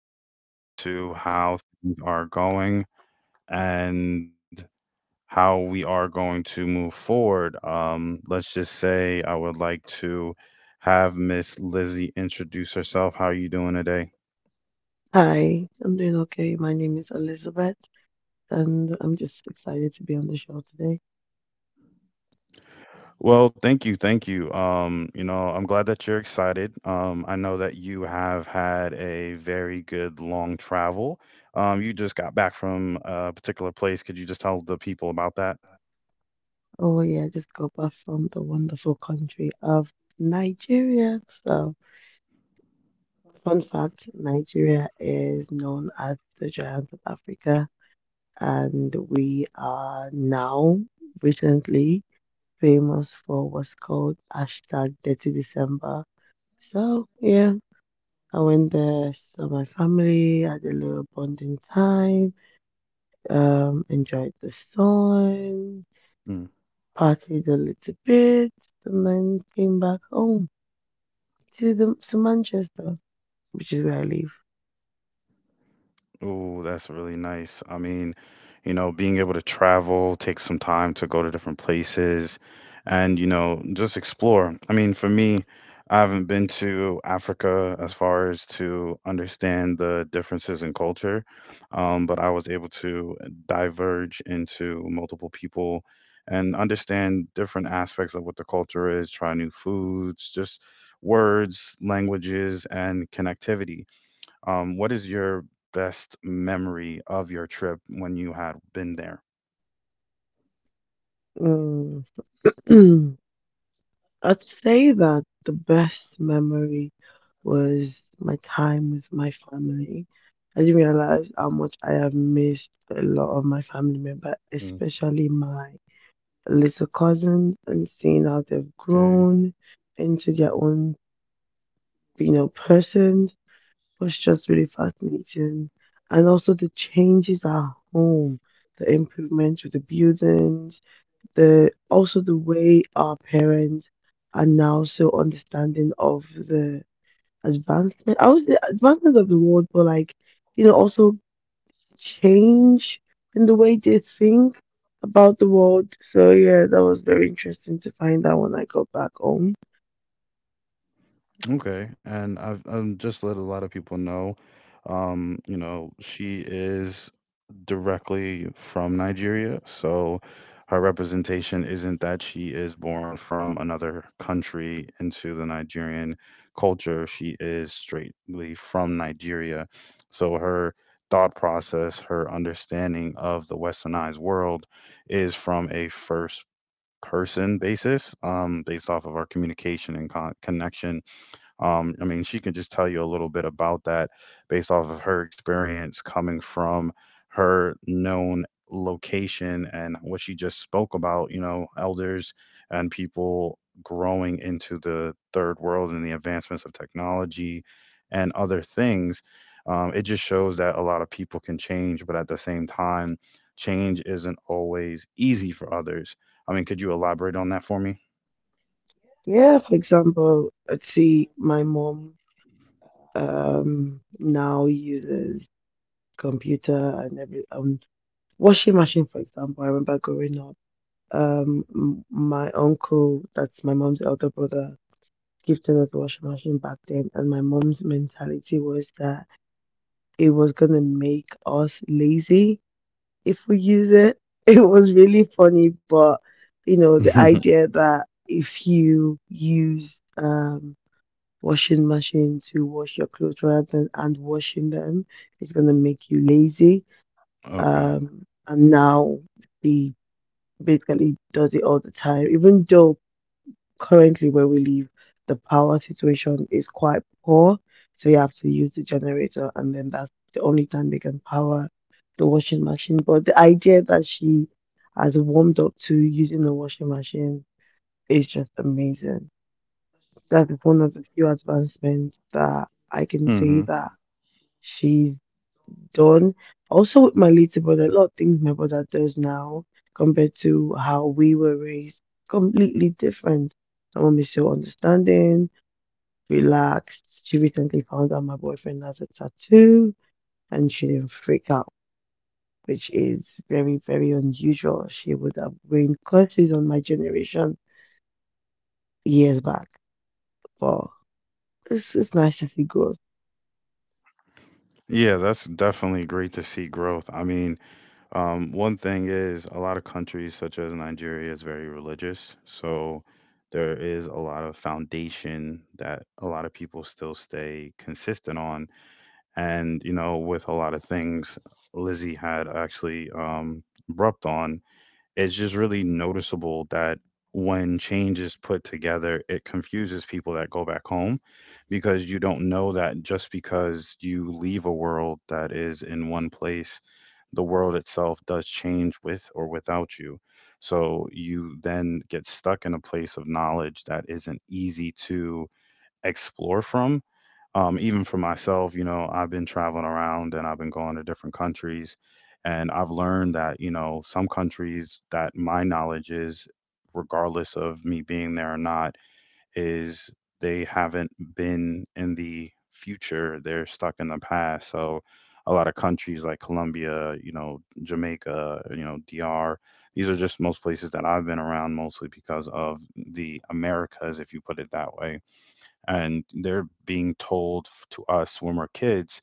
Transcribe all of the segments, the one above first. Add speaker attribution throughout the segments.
Speaker 1: set forward to how things are going and how we are going to move forward. Let's just say I would like to have Miss Lizzie introduce herself. How are you doing today?
Speaker 2: Hi, I'm doing okay. My name is Elizabeth, and I'm just excited to be on the show today.
Speaker 1: Well, thank you. I'm glad that you're excited. I know that you have had a very good long travel. You just got back from a particular place. Could you just tell the people about that?
Speaker 2: Oh, yeah, I just got back from the wonderful country of Nigeria. So, fun fact, Nigeria is known as the giant of Africa, and we are now recently famous for what's called hashtag Dirty December. So, yeah, I went there, saw my family, had a little bonding time, enjoyed the sun,
Speaker 1: Mm.
Speaker 2: partied a little bit, and then came back home to Manchester, which is where I live.
Speaker 1: Oh, that's really nice. Being able to travel, take some time to go to different places and, just explore. For me, I haven't been to Africa as far as to understand the differences in culture, but I was able to diverge into multiple people and understand different aspects of what the culture is, try new foods, just words, languages, and connectivity. What is your best memory of your trip when you had been there?
Speaker 2: Mm. I'd say that the best memory was my time with my family. I didn't realize how much I have missed a lot of my family members, especially my little cousins, and seeing how they've
Speaker 1: Okay.
Speaker 2: grown into their own, you know, persons, was just really fascinating. And also the changes at home, the improvements with the buildings, the also the way our parents are now so understanding of the advancement of the world, but like, you know, also change in the way they think about the world. So yeah, that was very interesting to find out when I got back home.
Speaker 1: Okay. And I've just let a lot of people know. She is directly from Nigeria. So her representation isn't that she is born from another country into the Nigerian culture. She is straightly from Nigeria. So her thought process, her understanding of the westernized world is from a first person basis. Based off of our communication and connection. She can just tell you a little bit about that based off of her experience coming from her known location and what she just spoke about, elders and people growing into the third world and the advancements of technology and other things. It just shows that a lot of people can change, but at the same time, change isn't always easy for others. I mean, could you elaborate on that for me?
Speaker 2: Yeah, for example, I'd see my mom, now uses computer and every, washing machine. For example, I remember growing up, my uncle, that's my mom's elder brother, gifted us a washing machine back then, and my mom's mentality was that it was gonna make us lazy if we use it. It was really funny, but you know, the idea that if you use, washing machine to wash your clothes rather than and washing them, it's gonna make you lazy.
Speaker 1: Okay.
Speaker 2: And now the basically does it all the time, even though currently where we live, the power situation is quite poor, so you have to use the generator, and then that's the only time they can power the washing machine. But the idea that she has warmed up to using the washing machine is just amazing. That is one of the few advancements that I can say
Speaker 1: Hmm.
Speaker 2: that she's done. Also, with my little brother, a lot of things my brother does now compared to how we were raised, completely different. My mom is so understanding, relaxed. She recently found out my boyfriend has a tattoo and she didn't freak out, which is very, very unusual. She would have been curses on my generation years back. But it's nice to see growth.
Speaker 1: Yeah, that's definitely great to see growth. One thing is a lot of countries, such as Nigeria, is very religious. So there is a lot of foundation that a lot of people still stay consistent on. And, with a lot of things, Lizzie had actually rapped on. It's just really noticeable that when change is put together, it confuses people that go back home because you don't know that just because you leave a world that is in one place, the world itself does change with or without you. So you then get stuck in a place of knowledge that isn't easy to explore from. Even for myself, I've been traveling around and I've been going to different countries, and I've learned that, some countries that my knowledge is, regardless of me being there or not, is they haven't been in the future. They're stuck in the past. So a lot of countries like Colombia, Jamaica, DR, these are just most places that I've been around mostly because of the Americas, if you put it that way, and they're being told to us when we're kids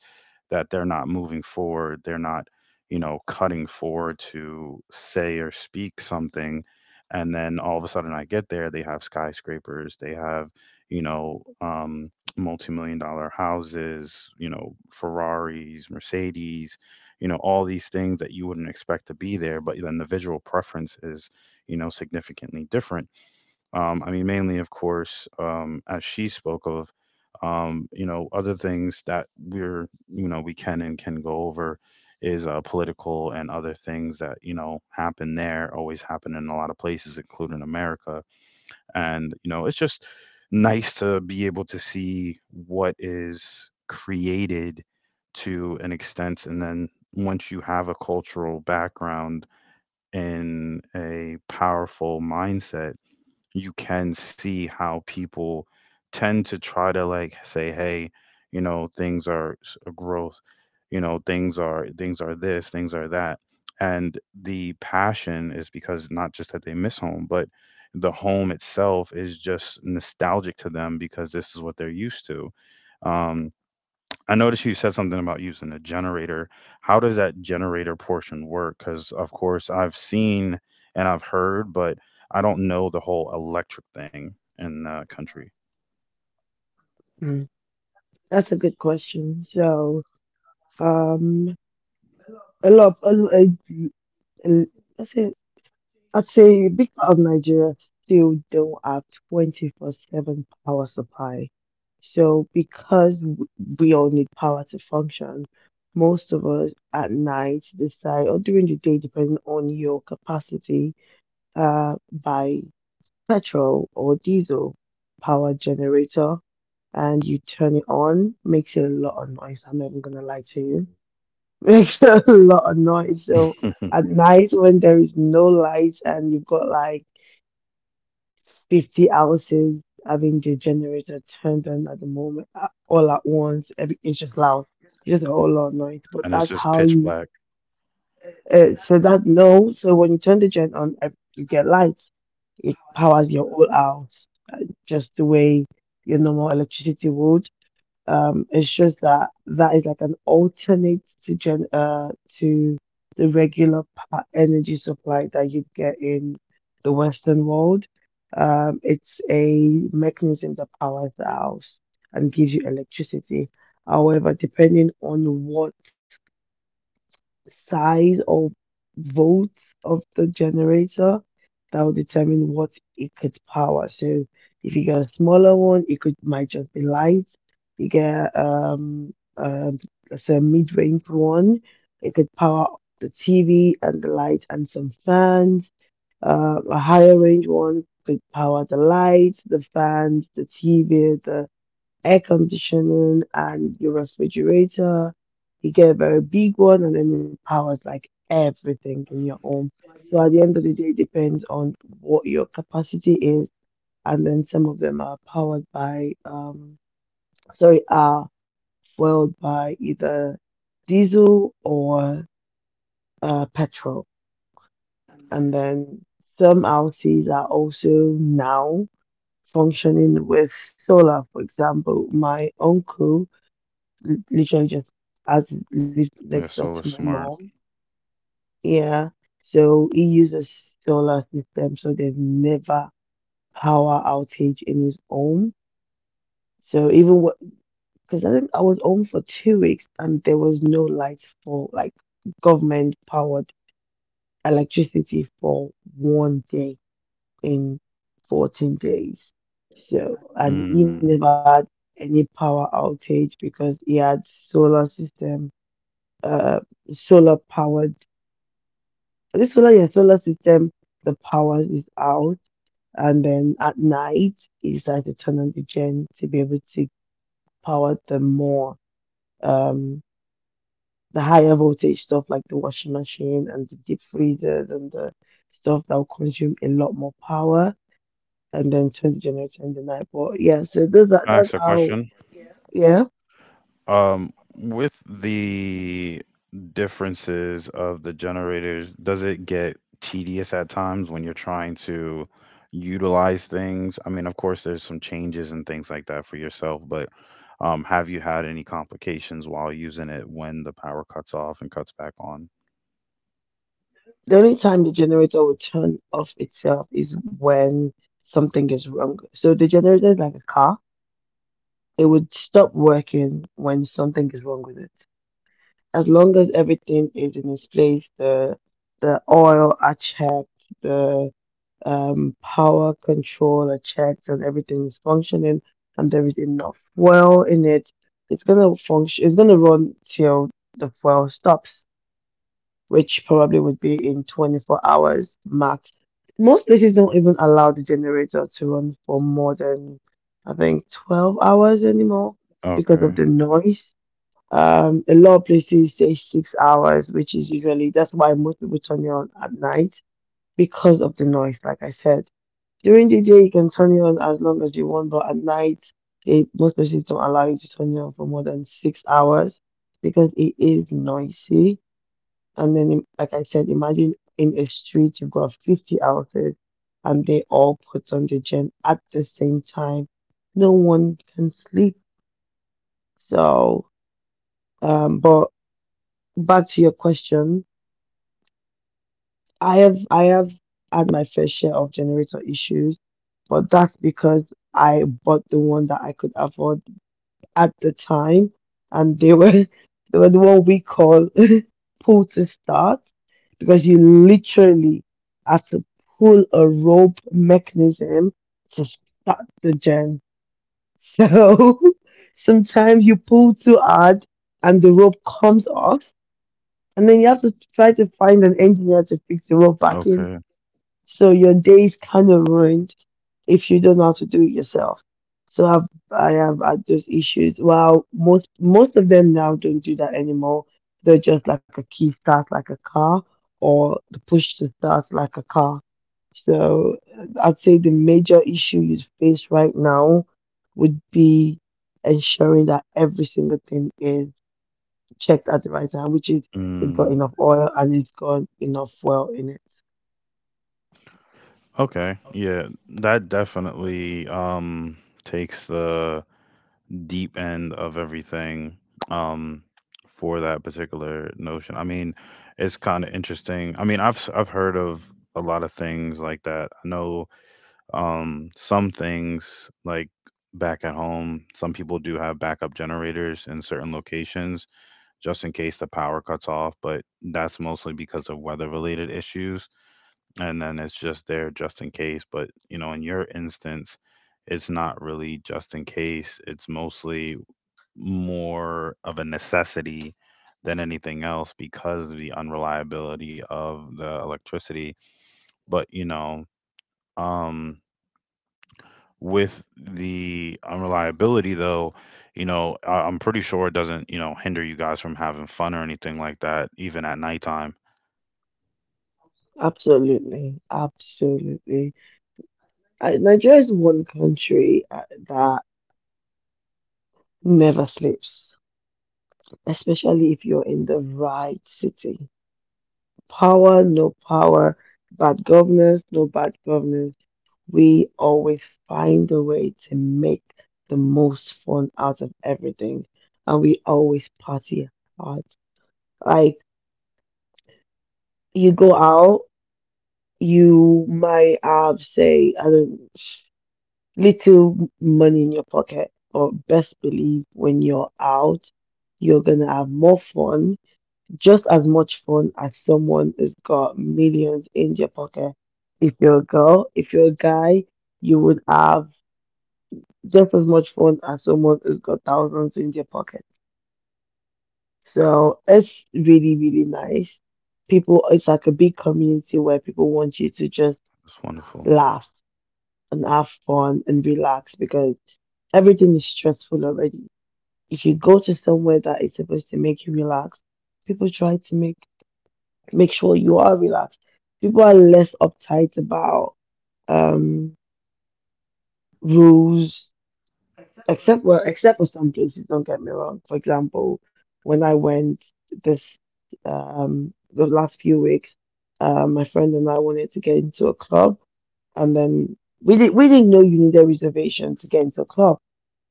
Speaker 1: that they're not moving forward, they're not, cutting forward to say or speak something. And then all of a sudden I get there, they have skyscrapers, they have, you know um multi-million dollar houses, ferraris, mercedes, all these things that you wouldn't expect to be there, but then the visual preference is, significantly different. Mainly, of course, as she spoke of, other things that we can and can go over is political and other things that, happen there, always happen in a lot of places, including America. And, it's just nice to be able to see what is created to an extent. And then once you have a cultural background in a powerful mindset, you can see how people tend to try to like say, hey, things are a growth, things are this, things are that. And the passion is because not just that they miss home, but the home itself is just nostalgic to them because this is what they're used to. Um, I noticed you said something about using a generator. How does that generator portion work? Because, of course, I've seen and I've heard, but I don't know the whole electric thing in the country.
Speaker 2: Mm. That's a good question. So, um, a lot, of, a, a, a, I say I'd say a big part of Nigeria still don't have 24/7 power supply. So because we all need power to function, most of us at night decide, or during the day, depending on your capacity, buy petrol or diesel power generator and you turn it on. Makes a lot of noise. I'm not even gonna lie to you. Makes a lot of noise. So
Speaker 1: And
Speaker 2: at night when there is no light and you've got like 50 houses having the generator turned on at the moment, all at once. It's just loud, just a whole lot of noise. But
Speaker 1: it's
Speaker 2: that's
Speaker 1: just
Speaker 2: how
Speaker 1: pitch
Speaker 2: you,
Speaker 1: black.
Speaker 2: so that no, so when you turn the gen on, you get lights. It powers your whole house, uh, just the way your normal electricity would. It's just that that is like an alternate to gen to the regular energy supply that you'd get in the Western world. It's a mechanism that powers the house and gives you electricity. However, depending on what size or volts of the generator, that will determine what it could power. So if you get a smaller one, it could might just be lights. You get let's say a mid-range one, it could power the TV and the lights and some fans. A higher range one could power the lights, the fans, the TV, the air conditioning and your refrigerator. You get a very big one, and then it powers like everything in your home. So at the end of the day, it depends on what your capacity is, and then some of them are powered by, are fueled by either diesel or petrol, and then some houses are also now functioning with solar. For example, my uncle l- literally just as li- next
Speaker 1: They're
Speaker 2: door to
Speaker 1: so
Speaker 2: my
Speaker 1: smart.
Speaker 2: mom. Yeah. So he uses solar system, so there's never power outage in his home. So even, because I think I was home for 2 weeks and there was no lights for like government powered electricity for one day in 14 days. So and
Speaker 1: Mm. Can
Speaker 2: he never had any power outage because he had solar system, uh, solar powered this solar your solar system, the power is out, and then at night is like to turn on the gen to be able to power the more, um the higher voltage stuff like the washing machine and the deep freezer and the stuff that will consume a lot more power, and then turn the generator in the night. But yeah, so those are
Speaker 1: I ask
Speaker 2: that's
Speaker 1: a
Speaker 2: how
Speaker 1: question?
Speaker 2: Yeah.
Speaker 1: Um, with the differences of the generators, does it get tedious at times when you're trying to utilize things? I mean, of course, there's some changes and things like that for yourself, but have you had any complications while using it when the power cuts off and cuts back on?
Speaker 2: The only time the generator will turn off itself is when something is wrong. So the generator is like a car. It would stop working when something is wrong with it. As long as everything is in its place, the oil are checked, the, power control are checked, and everything is functioning, and there is enough fuel in it, it's gonna function. It's gonna run till the fuel stops, which probably would be in 24 hours max. Most places don't even allow the generator to run for more than, I think, 12 hours anymore because of
Speaker 1: Okay.
Speaker 2: the noise. A lot of places say 6 hours, which is usually that's why most people turn it on at night, because of the noise, like I said. During the day, you can turn it on as long as you want, but at night, most places don't allow you to turn it on for more than 6 hours because it is noisy. And then, like I said, imagine in a street you've got 50 houses and they all put on the gym at the same time. No one can sleep. So, but back to your question, I have had my fair share of generator issues, but that's because I bought the one that I could afford at the time, and they were, they were the one we call, pull to start, because you literally had to pull a rope mechanism to start the gen. So sometimes you pull too hard and the rope comes off, and then you have to try to find an engineer to fix the rope
Speaker 1: Okay.
Speaker 2: back in. So your day is kind of ruined if you don't know how to do it yourself. So I've, I have had those issues. While most of them now don't do that anymore. They're just like a key start, like a car, or the push to start, like a car. So I'd say the major issue you face right now would be ensuring that every single thing is checked at the right time, which is it's got
Speaker 1: Mm.
Speaker 2: enough oil and it's got enough fuel in it.
Speaker 1: Okay. Yeah, that definitely takes the deep end of everything um for that particular notion. I mean, it's kind of interesting. I mean, I've heard of a lot of things like that. I know some things like back at home, some people do have backup generators in certain locations just in case the power cuts off, but that's mostly because of weather related issues, and then it's just there just in case. But you know, in your instance, it's not really just in case. It's mostly more of a necessity than anything else because of the unreliability of the electricity. But, um, with the unreliability, though, I'm pretty sure it doesn't, hinder you guys from having fun or anything like that, even at nighttime.
Speaker 2: Absolutely, absolutely. Nigeria is one country that never sleeps, especially if you're in the right city. Power, no power, bad governance, no bad governance. We always find a way to make the most fun out of everything, and we always party hard. Like, you go out, you might have, say I don't. Little money in your pocket. But best believe, when you're out, you're gonna have more fun, just as much fun as someone who's got millions in your pocket. If you're a girl, if you're a guy, you would have just as much fun as someone who's got thousands in their pocket. So it's really, really nice. People, it's like a big community where people want you to just
Speaker 1: It's wonderful.
Speaker 2: laugh and have fun and relax, because everything is stressful already. If you go to somewhere that is supposed to make you relax, people try to make sure you are relaxed. People are less uptight about, um, rules, except, well, except for some places. Don't get me wrong. For example, when I went this the last few weeks, my friend and I wanted to get into a club, and then we didn't know you need a reservation to get into a club.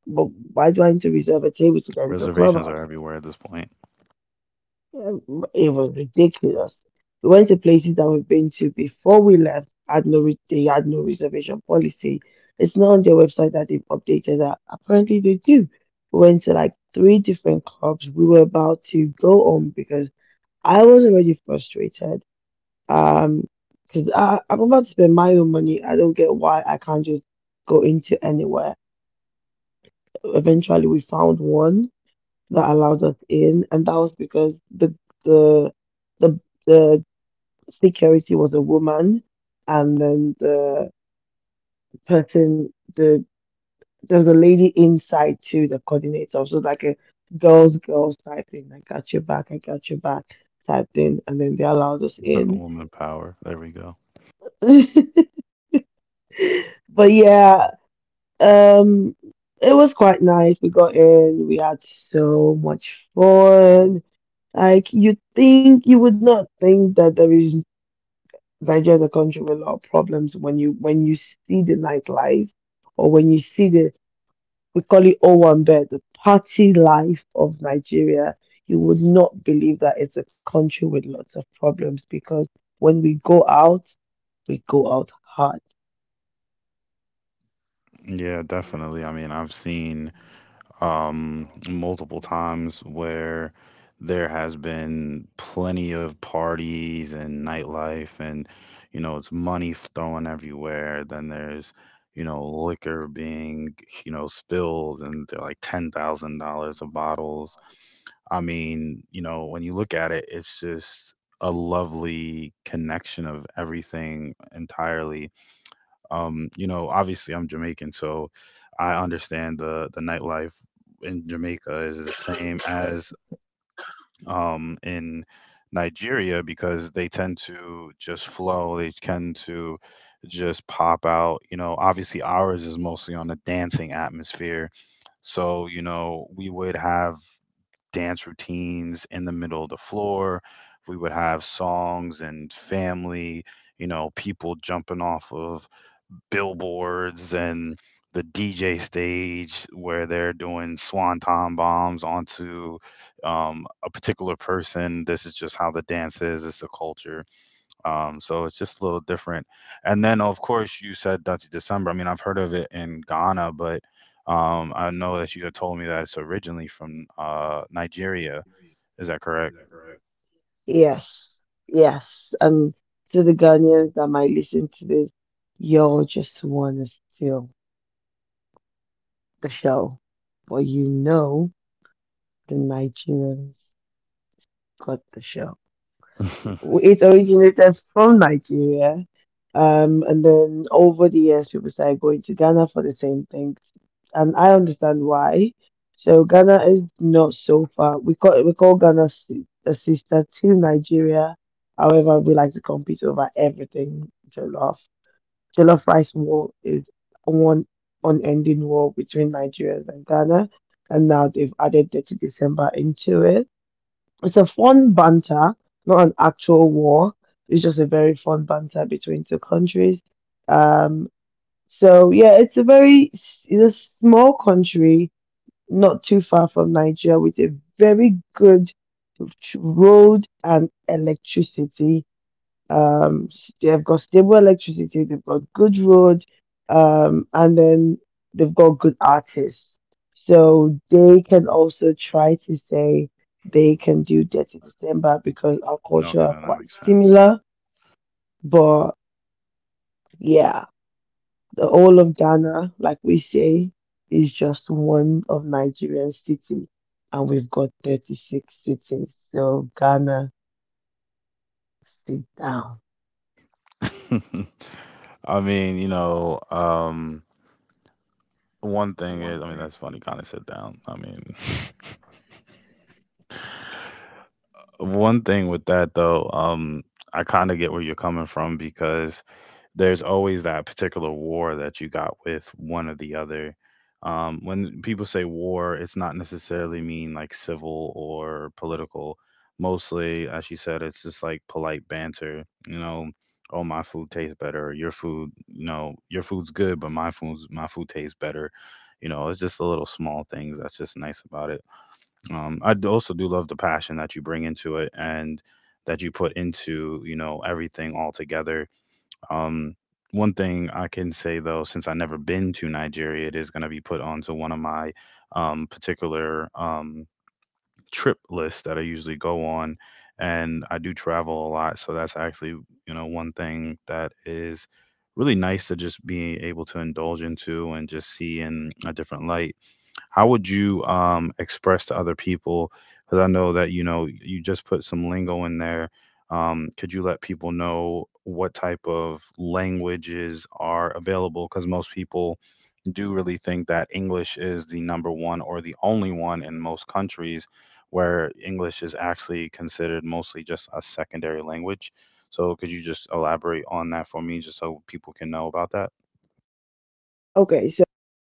Speaker 2: But why do I need to reserve a table to get into a
Speaker 1: Reservations are
Speaker 2: clubhouse?
Speaker 1: everywhere at this point.
Speaker 2: It was ridiculous. We went to places that we've been to before we left. Had no they had no reservation policy. It's not on their website that they've updated that. Apparently they do. We went to like 3 different clubs. We were about to go home because I was already frustrated. Um, because I'm about to spend my own money. I don't get why I can't just go into anywhere. Eventually we found one that allowed us in, and that was because the the the security was a woman, and then the person, the there's a lady inside too, the coordinator, so like a girls, girls type thing. I got your back, I got your back type thing, and then they allowed us in.
Speaker 1: Woman power. There we go.
Speaker 2: But yeah, um, it was quite nice. We got in, we had so much fun. Like you think you would not think that there is Nigeria is a country with a lot of problems. When you see the nightlife, or when you see the we call it Owambe, the party life of Nigeria, you would not believe that it's a country with lots of problems because when we go out hard.
Speaker 1: Yeah, definitely. I've seen multiple times where there has been plenty of parties and nightlife, and it's money thrown everywhere. Then there's, liquor being, spilled and they're like $10,000 of bottles. I mean, when you look at it, it's just a lovely connection of everything entirely. Obviously I'm Jamaican, so I understand the nightlife in Jamaica is the same as in Nigeria because they tend to just flow, they tend to just pop out. You know, obviously ours is mostly on the dancing atmosphere. So, we would have dance routines in the middle of the floor. We would have songs and family, people jumping off of billboards and the DJ stage where they're doing swanton bombs onto a particular person. This is just how the dance is. It's the culture. So it's just a little different. And then, of course, you said Dutchy December. I mean, I've heard of it in Ghana, but I know that you had told me that it's originally from Nigeria. Is that correct?
Speaker 2: Yes, yes. And to the Ghanaians that might listen to this, y'all just want to steal the show. But you know the Nigerians got the show.
Speaker 1: Okay,
Speaker 2: It originated from Nigeria. And then over the years, people started going to Ghana for the same thing. And I understand why. So Ghana is not so far. We call Ghana a sister to Nigeria. However, we like to compete over everything jollof. Jollof rice war is one unending war between Nigerians and Ghana, and now they've added 30 December into it. It's a fun banter, not an actual war. It's just a very fun banter between two countries. Um, so yeah, it's a very it's a small country, not too far from Nigeria, with a very good road and electricity. They've got stable electricity, they've got good road, and then they've got good artists. So they can also try to say they can do Dirty December because our
Speaker 1: then
Speaker 2: culture are
Speaker 1: that
Speaker 2: quite
Speaker 1: makes sense.
Speaker 2: similar. But yeah, the whole of Ghana, like we say, is just one of Nigerian city, and we've got 36 cities. So Ghana, sit down.
Speaker 1: I mean, one thing is I mean, that's funny, kinda sit down. I mean, one thing with that, though, I kinda get where you're coming from because there's always that particular war that you got with one or the other. When people say war, it's not necessarily mean like civil or political. Mostly, as she said, it's just like polite banter. You know, oh my food tastes better. Your food, your food's good, but my food's my food tastes better. You know, it's just the little small things that's just nice about it. Also do love the passion that you bring into it and that you put into, everything altogether. um, one thing I can say though, since I never been to Nigeria, it is going to be put onto one of my particular trip lists that I usually go on, and I do travel a lot, so that's actually, one thing that is really nice to just be able to indulge into and just see in a different light. How would you express to other people? Because I know that you know you just put some lingo in there. Could you let people know what type of languages are available? Because most people do really think that English is the number one or the only one in most countries, where English is actually considered mostly just a secondary language. So could you just elaborate on that for me just so people can know about that?
Speaker 2: Okay, so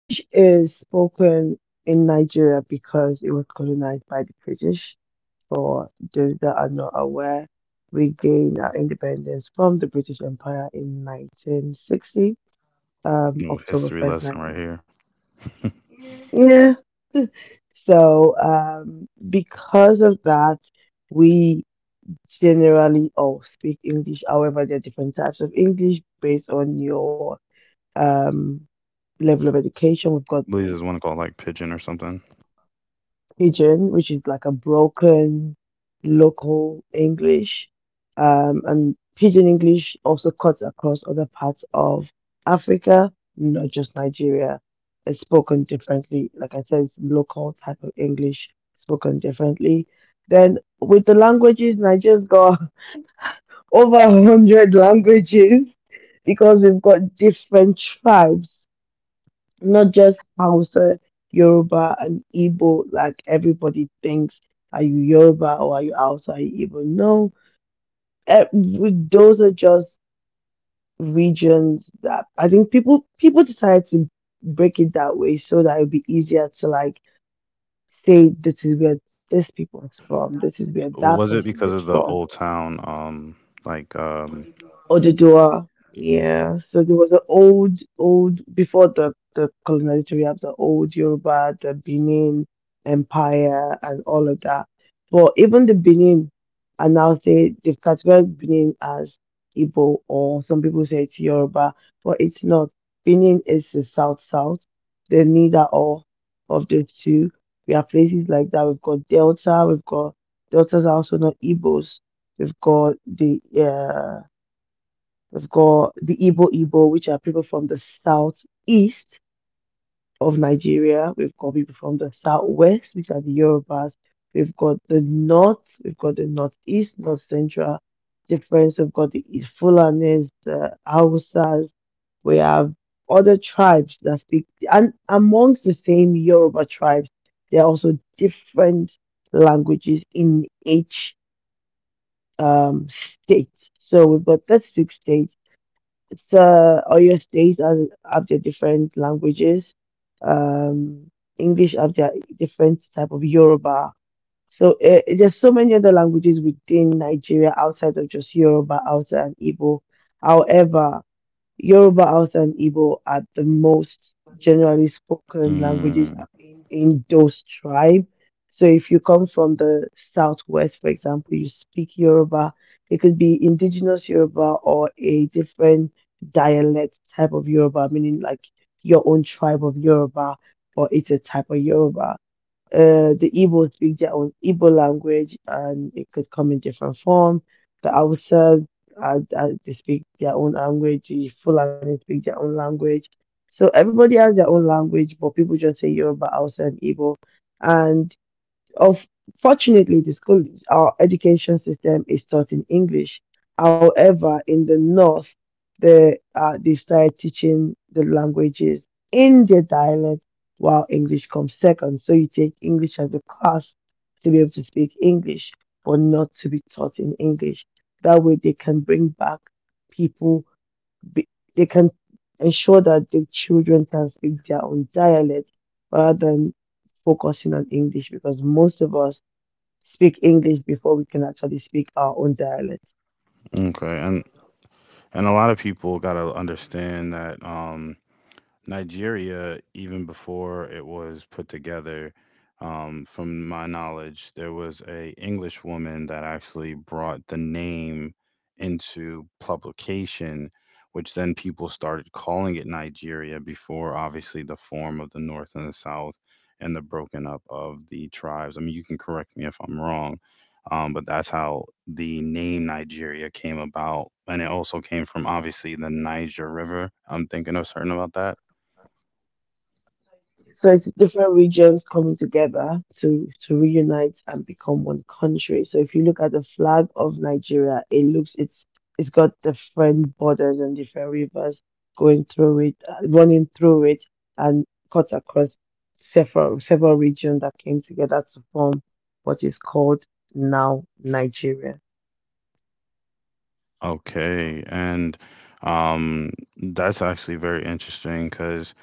Speaker 2: English is spoken in Nigeria because it was colonized by the British. For those that are not aware, we gained our independence from the British Empire in 1960,
Speaker 1: Ooh, history
Speaker 2: October
Speaker 1: lesson
Speaker 2: 1st,
Speaker 1: right
Speaker 2: 1960.
Speaker 1: here. I
Speaker 2: Yeah. So, because of that, we generally all speak English. However, there are different types of English based on your um, level of education. We've got
Speaker 1: believe
Speaker 2: the
Speaker 1: there's one called like Pigeon or something.
Speaker 2: pidgin, which is like a broken local English. And pidgin English also cuts across other parts of Africa, not just Nigeria. It's spoken differently. Like I said, it's local type of English spoken differently. Then with the languages, Nigeria's got over 100 languages because we've got different tribes not just Hausa, Yoruba, and Igbo, like everybody thinks. Are you Yoruba or are you Hausa, are you Igbo? No, those are just regions that I think people decided to break it that way so that it would be easier to like say this is where this people is from, this is where that
Speaker 1: Was
Speaker 2: person
Speaker 1: it
Speaker 2: is
Speaker 1: because of the
Speaker 2: from.
Speaker 1: old town, like, um,
Speaker 2: Oduduwa. Yeah. So there was an old, old before the colonizer. We have the old Yoruba, the Benin Empire, and all of that. But even the Benin, and now they've categorized Benin as Igbo, or some people say it's Yoruba, but it's not. Benin is the South South. They're neither or of the two. We have places like that. We've got Delta. We've got Deltas are also not Igbos. We've got the yeah. We've got the Igbo Igbo, which are people from the southeast of Nigeria. We've got people from the southwest, which are the Yorubas. We've got the north, we've got the northeast, north central difference. We've got the Fulanis, the Hausas. We have other tribes that speak, and amongst the same Yoruba tribes, there are also different languages in each state. So we've got 36 states so all your states are, have their different languages. Um, English have their different type of Yoruba. So there's so many other languages within Nigeria outside of just Yoruba, Hausa, and Igbo. However, Yoruba, Hausa, and Igbo are the most generally spoken languages
Speaker 1: Mm,
Speaker 2: in those tribes. So if you come from the southwest, for example, you speak Yoruba, it could be indigenous Yoruba or a different dialect type of Yoruba, meaning like your own tribe of Yoruba, or it's a type of Yoruba. The Igbos speak their own Igbo language, and it could come in different form. The Hausas, they speak their own language. The Fulani speak their own language. So everybody has their own language, but people just say Yoruba, Hausa, and Igbo. And unfortunately, the school, our education system is taught in English. However, in the North, they started teaching the languages in their dialect while English comes second. So you take English as a class to be able to speak English, but not to be taught in English. That way, they can bring back people be, they can ensure that the children can speak their own dialect rather than focusing on English because most of us speak English before we can actually speak our own dialect.
Speaker 1: okay, and a lot of people gotta understand that Nigeria, even before it was put together, from my knowledge, there was a English woman that actually brought the name into publication, which then people started calling it Nigeria before obviously the form of the North and the South and the broken up of the tribes. I mean, you can correct me if I'm wrong, but that's how the name Nigeria came about. And it also came from obviously the Niger River. I'm thinking of certain about that.
Speaker 2: So it's different regions coming together to reunite and become one country. So if you look at the flag of Nigeria, it looks it's got different borders and different rivers going through it, running through it, and cut across several regions that came together to form what is called now Nigeria.
Speaker 1: Okay, and um, that's actually very interesting because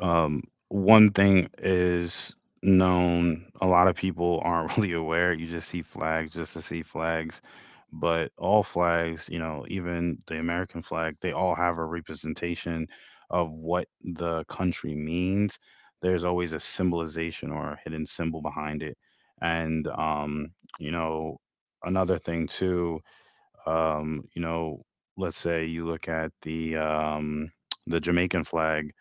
Speaker 1: um, one thing is known, a lot of people aren't really aware. You just see flags just to see flags, but all flags, even the American flag, they all have a representation of what the country means. There's always a symbolization or a hidden symbol behind it. And, you know, another thing too. Um, you know, let's say you look at the Jamaican flag.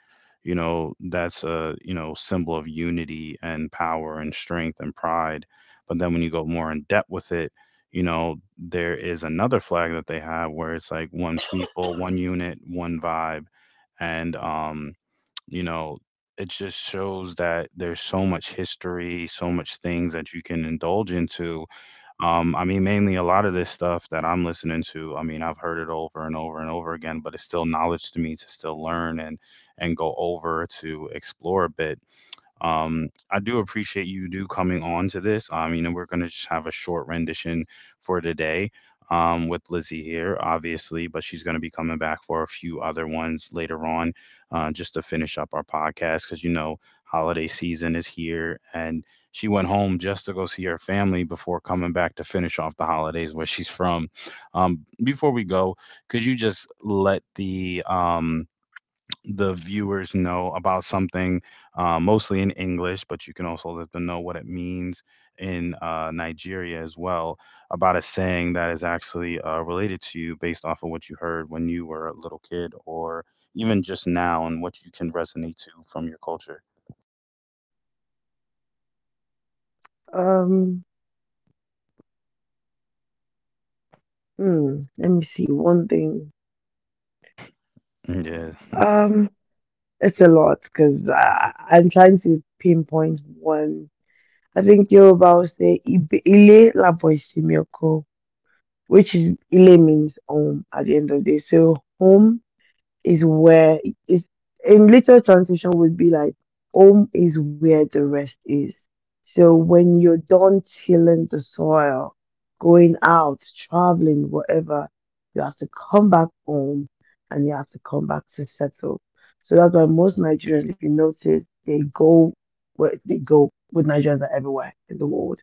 Speaker 1: You know, that's a, symbol of unity and power and strength and pride. But then when you go more in depth with it, there is another flag that they have where it's like one people, one unit, one vibe, and you know, it just shows that there's so much history, so much things that you can indulge into. Mainly a lot of this stuff that I'm listening to, I mean, I've heard it over and over and over again, but it's still knowledge to me to still learn and go over to explore a bit. I do appreciate you do coming on to this. We're gonna just have a short rendition for today with Lizzie here, obviously, but she's gonna be coming back for a few other ones later on, just to finish up our podcast because you know holiday season is here and she went home just to go see her family before coming back to finish off the holidays where she's from. Before we go, could you just let the viewers know about something, mostly in English, but you can also let them know what it means in Nigeria as well about a saying that is actually related to you based off of what you heard when you were a little kid or even just now and what you can resonate to from your culture.
Speaker 2: Um, Let me see one thing.
Speaker 1: Mm, yeah.
Speaker 2: Um, it's a lot because I'm trying to pinpoint one. I think Yoruba will say "Ibe- Ile labo isimi oko," which is Ile means home at the end of the day. So home is where is in literal translation would be like home is where the rest is. So when you're done tilling the soil, going out, traveling, whatever, you have to come back home and you have to come back to settle. So that's why most Nigerians, if you notice, they go where they go with Nigerians are everywhere in the world.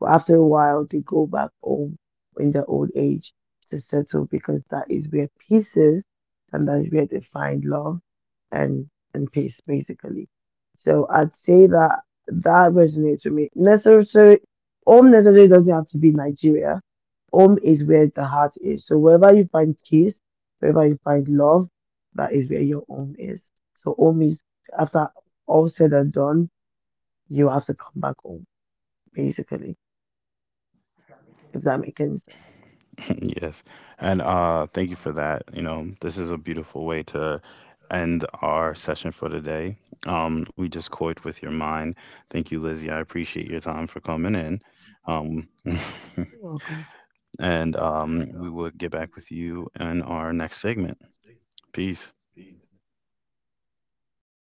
Speaker 2: But after a while they go back home in their old age to settle because that is where pieces and that's where they find love and and peace, basically. So I'd say that that resonates with me. Necessarily, home necessarily doesn't have to be Nigeria. Home is where the heart is. So wherever you find peace, wherever you find love, that is where your home is. So home is after all said and done, you have to come back home, basically. If that makes any sense.
Speaker 1: Yes. And thank you for that. You know, this is a beautiful way to end our session for today. We just coyed with your mind. Thank you, Lizzie. I appreciate your time for coming in. Um
Speaker 2: You're welcome.
Speaker 1: and we will get back with you in our next segment. Peace.